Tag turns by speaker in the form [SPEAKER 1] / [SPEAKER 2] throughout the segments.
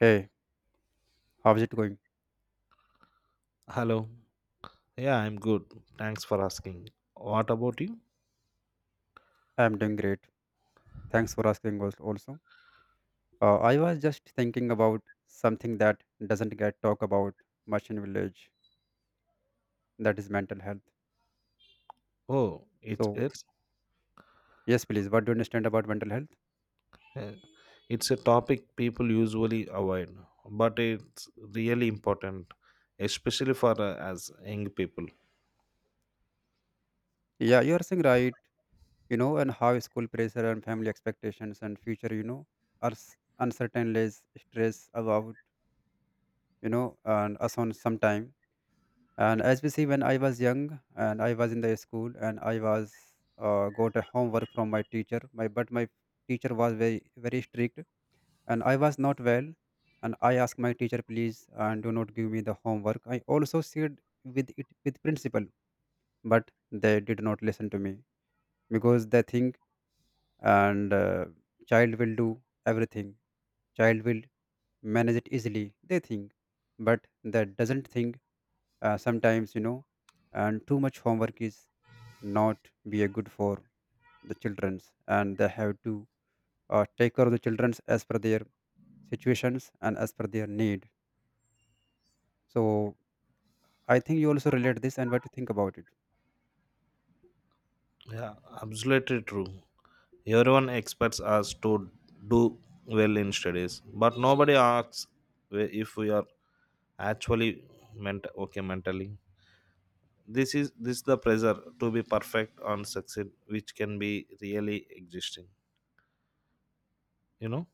[SPEAKER 1] Hey, how's it going?
[SPEAKER 2] Hello. Yeah, I'm good. Thanks for asking. What about you?
[SPEAKER 1] I'm doing great. Thanks for asking also. I was just thinking about something that doesn't get talked about much in village, that is mental health.
[SPEAKER 2] Oh,
[SPEAKER 1] So, yes, please, what do you understand about mental health?
[SPEAKER 2] uh, it's a topic people usually avoid, but it's really important, especially for as young people.
[SPEAKER 1] Yeah, you are saying right, you know, and how school pressure and family expectations and future, you know, are uncertainties, stress about, you know, and us on some time. And as we see, when I was young and I was in the school and I was got a homework from my teacher. My but my teacher was very very strict and I was not well. And I asked my teacher, please, and do not give me the homework. I also shared with it with principal, but they did not listen to me because they think and child will do everything. Child will manage it easily. They think, but that doesn't think. Sometimes you know, and too much homework is not be a good for the childrens and they have to take care of the childrens as per their situations and as per their need so I think you also relate this and what you think about it
[SPEAKER 2] Yeah, absolutely true. Everyone expects us to do well in studies, but nobody asks if we are actually meant okay mentally. This is this the pressure to be perfect on succeed, which can be really existing. You know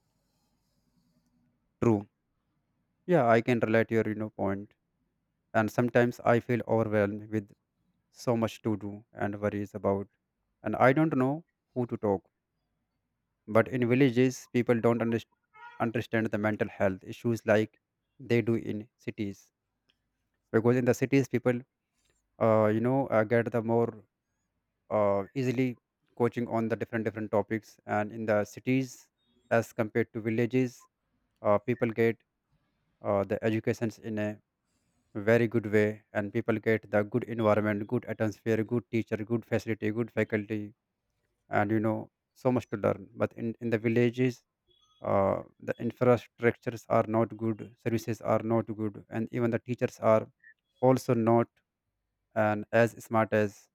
[SPEAKER 1] true. Yeah, I can relate your you know point. And sometimes I feel overwhelmed with so much to do and worries about and I don't know who to talk but in villages people don't understand the mental health issues like they do in cities because in the cities people you know get the more easily coaching on the different different topics and in the cities as compared to villages people get the educations in a very good way and people get the good environment good atmosphere good teacher good facility good faculty and you know so much to learn but in the villages the infrastructures are not good services are not good and even the teachers are also not and as smart as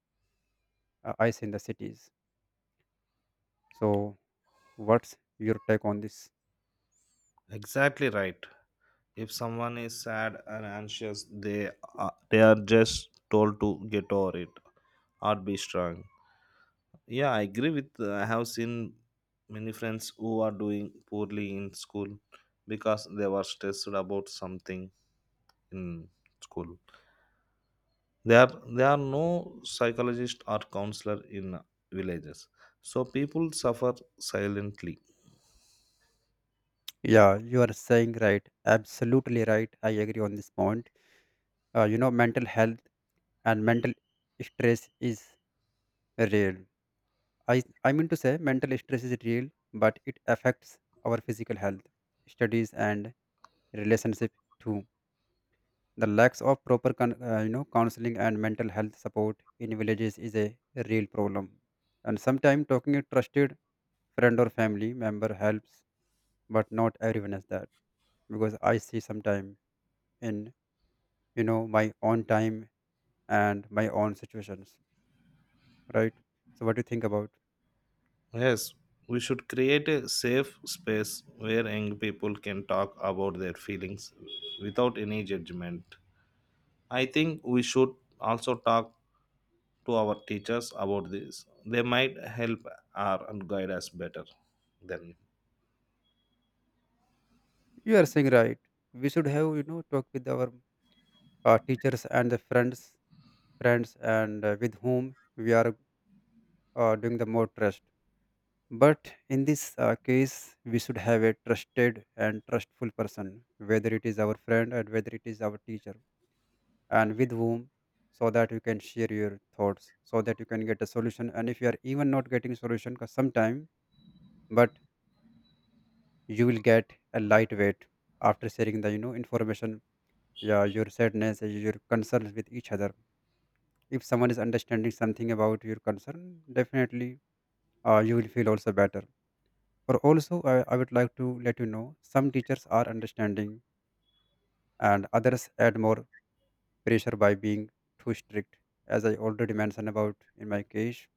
[SPEAKER 1] I see in the cities so what's your take on this?
[SPEAKER 2] exactly right. If someone is sad and anxious, they are just told to get over it or be strong. Yeah, I agree with. I have seen many friends who are doing poorly in school because they were stressed about something in school there there are no psychologist or counselor in villages, so people suffer silently.
[SPEAKER 1] Yeah, you are saying right. Absolutely right. I agree on this point. You know, mental health and mental stress is real. I mean to say, mental stress is real, but it affects our physical health, studies, and relationship too. The lack of proper, you know, counseling and mental health support in villages is a real problem. And sometimes talking to a trusted friend or family member helps but not everyone has that because I see sometime in you know my own time and my own situations, right? So what do you think about?
[SPEAKER 2] Yes, we should create a safe space where young people can talk about their feelings without any judgment. I think we should also talk to our teachers about this, they might help our and guide us better than.
[SPEAKER 1] You are saying right. We should have you know talk with our teachers and the friends and with whom we are doing the more trust. But in this case, we should have a trusted and trustful person, whether it is our friend and whether it is our teacher. And with whom so that you can share your thoughts so that you can get a solution and if you are even not getting solution because sometime but you will get a lightweight after sharing the you know information yeah your sadness your concerns with each other if someone is understanding something about your concern definitely you will feel also better or also I would like to let you know some teachers are understanding and others add more pressure by being too strict as I already mentioned about in my case.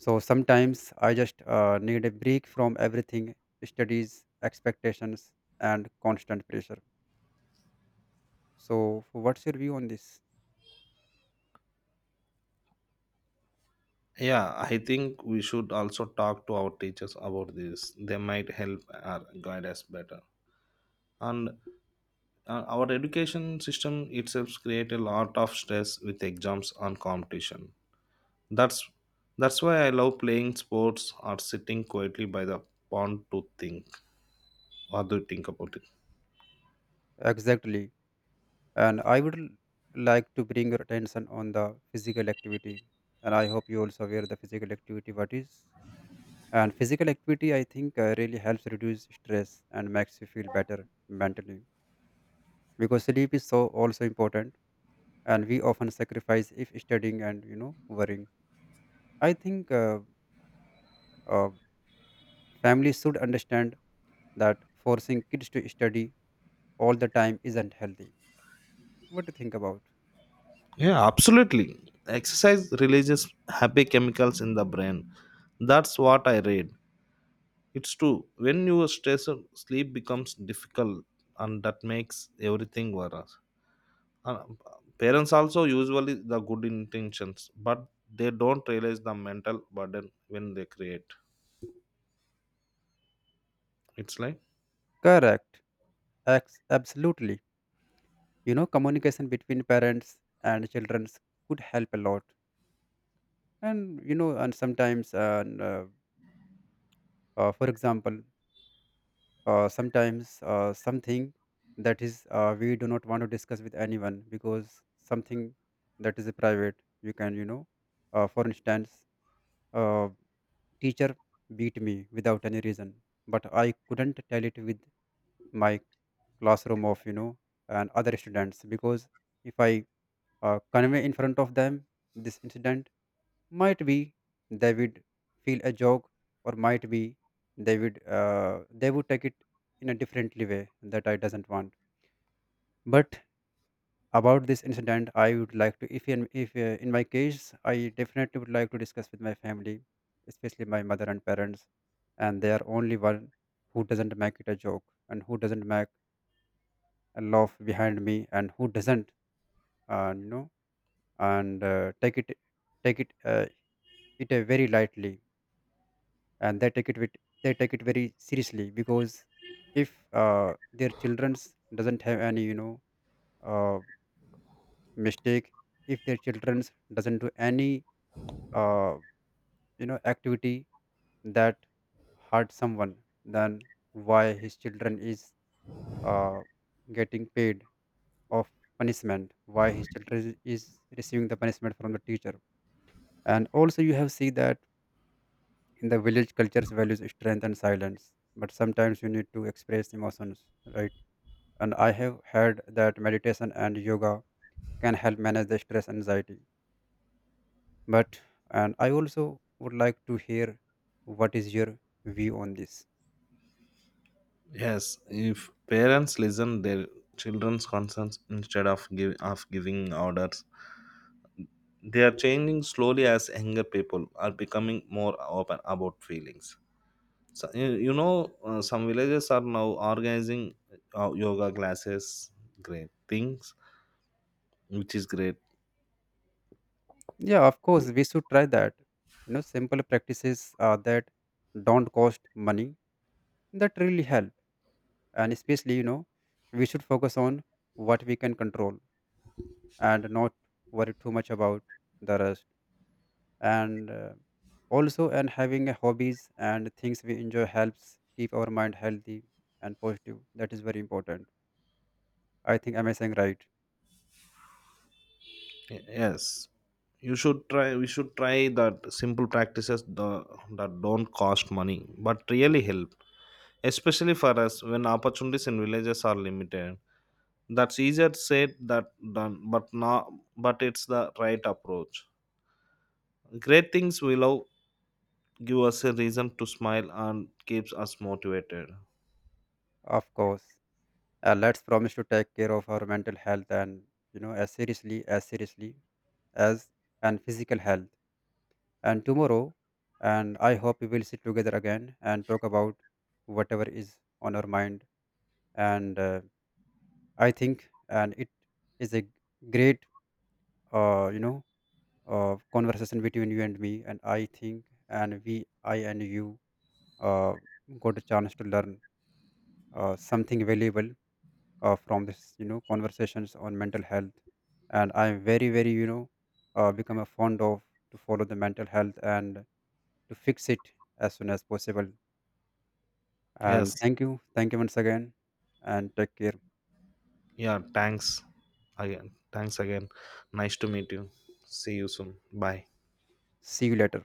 [SPEAKER 1] So sometimes I just need a break from everything studies, expectations, and constant pressure. So, what's your view on this?
[SPEAKER 2] Yeah, I think we should also talk to our teachers about this, they might help our guide us better and our education system itself create a lot of stress with exams and competition. That's that's why I love playing sports or sitting quietly by the pond to think. What do you think about it?
[SPEAKER 1] Exactly. And I would like to bring your attention on the physical activity. And I hope you also aware the physical activity what is. And physical activity, I think, really helps reduce stress and makes you feel better mentally. Because sleep is so also important, and we often sacrifice if studying and you know worrying. I think uh, families should understand that forcing kids to study all the time isn't healthy. What do you think about?
[SPEAKER 2] Yeah, absolutely. Exercise releases happy chemicals in the brain. That's what I read. It's true. When you are stressed, sleep becomes difficult, and that makes everything worse. Uh, Parents also usually the good intentions, but they don't realize the mental burden when they create. It's like
[SPEAKER 1] Correct. Absolutely. You know, communication between parents and children could help a lot. And you know, and sometimes, and for example, sometimes something that is we do not want to discuss with anyone because something that is private. You can, you know, for instance. Uh, Teacher beat me without any reason, but I couldn't tell it with my classroom of you know and other students because if I convey in front of them this incident, might be they would feel a joke or might be they would take it in a differently way that I doesn't want. But about this incident I would like to if in my case I definitely would like to discuss with my family especially my mother and parents and they are only one who doesn't make it a joke and who doesn't make a laugh behind me and who doesn't you know and take it very lightly and they take it with they take it very seriously because if uh, their children's doesn't have any you know uh, mistake if their children's doesn't do any uh, you know activity that hurt someone then why his children is uh, getting paid of punishment why his children is receiving the punishment from the teacher and also you have seen that in the village cultures values strength and silence but sometimes you need to express emotions right and I have heard that meditation and yoga can help manage the stress anxiety but and I also would like to hear what is your view on this.
[SPEAKER 2] yes, if parents listen their children's concerns instead of giving orders, they are changing slowly as younger people are becoming more open about feelings. So, you know, some villages are now organizing yoga classes, great things, which is great.
[SPEAKER 1] Yeah, of course, we should try that. You know, simple practices that don't cost money that really help. And especially, you know, we should focus on what we can control and not worry too much about the rest. And also, and having a hobbies and things we enjoy helps keep our mind healthy and positive. That is very important. I think am I saying right?
[SPEAKER 2] Yes, you should try we should try that simple practices that don't cost money but really help, especially for us when opportunities in villages are limited. That's easier said that done, but not, but it's the right approach. Great things will love, give us a reason to smile and keeps us motivated.
[SPEAKER 1] Of course. Let's promise to take care of our mental health and you know as seriously as seriously as and physical health. And tomorrow, and I hope we will sit together again and talk about whatever is on our mind. And I think, and it is a great, you know, conversation between you and me. And I think, and we, I and you, uh, got a chance to learn something valuable from this, you know, conversations on mental health. And I'm very, very, you know, become a fond of to follow the mental health and to fix it as soon as possible. And
[SPEAKER 2] Yes.
[SPEAKER 1] thank you. Thank you once again. And take care.
[SPEAKER 2] Yeah, thanks again. Thanks again. Nice to meet you. See you soon. Bye.
[SPEAKER 1] See you later.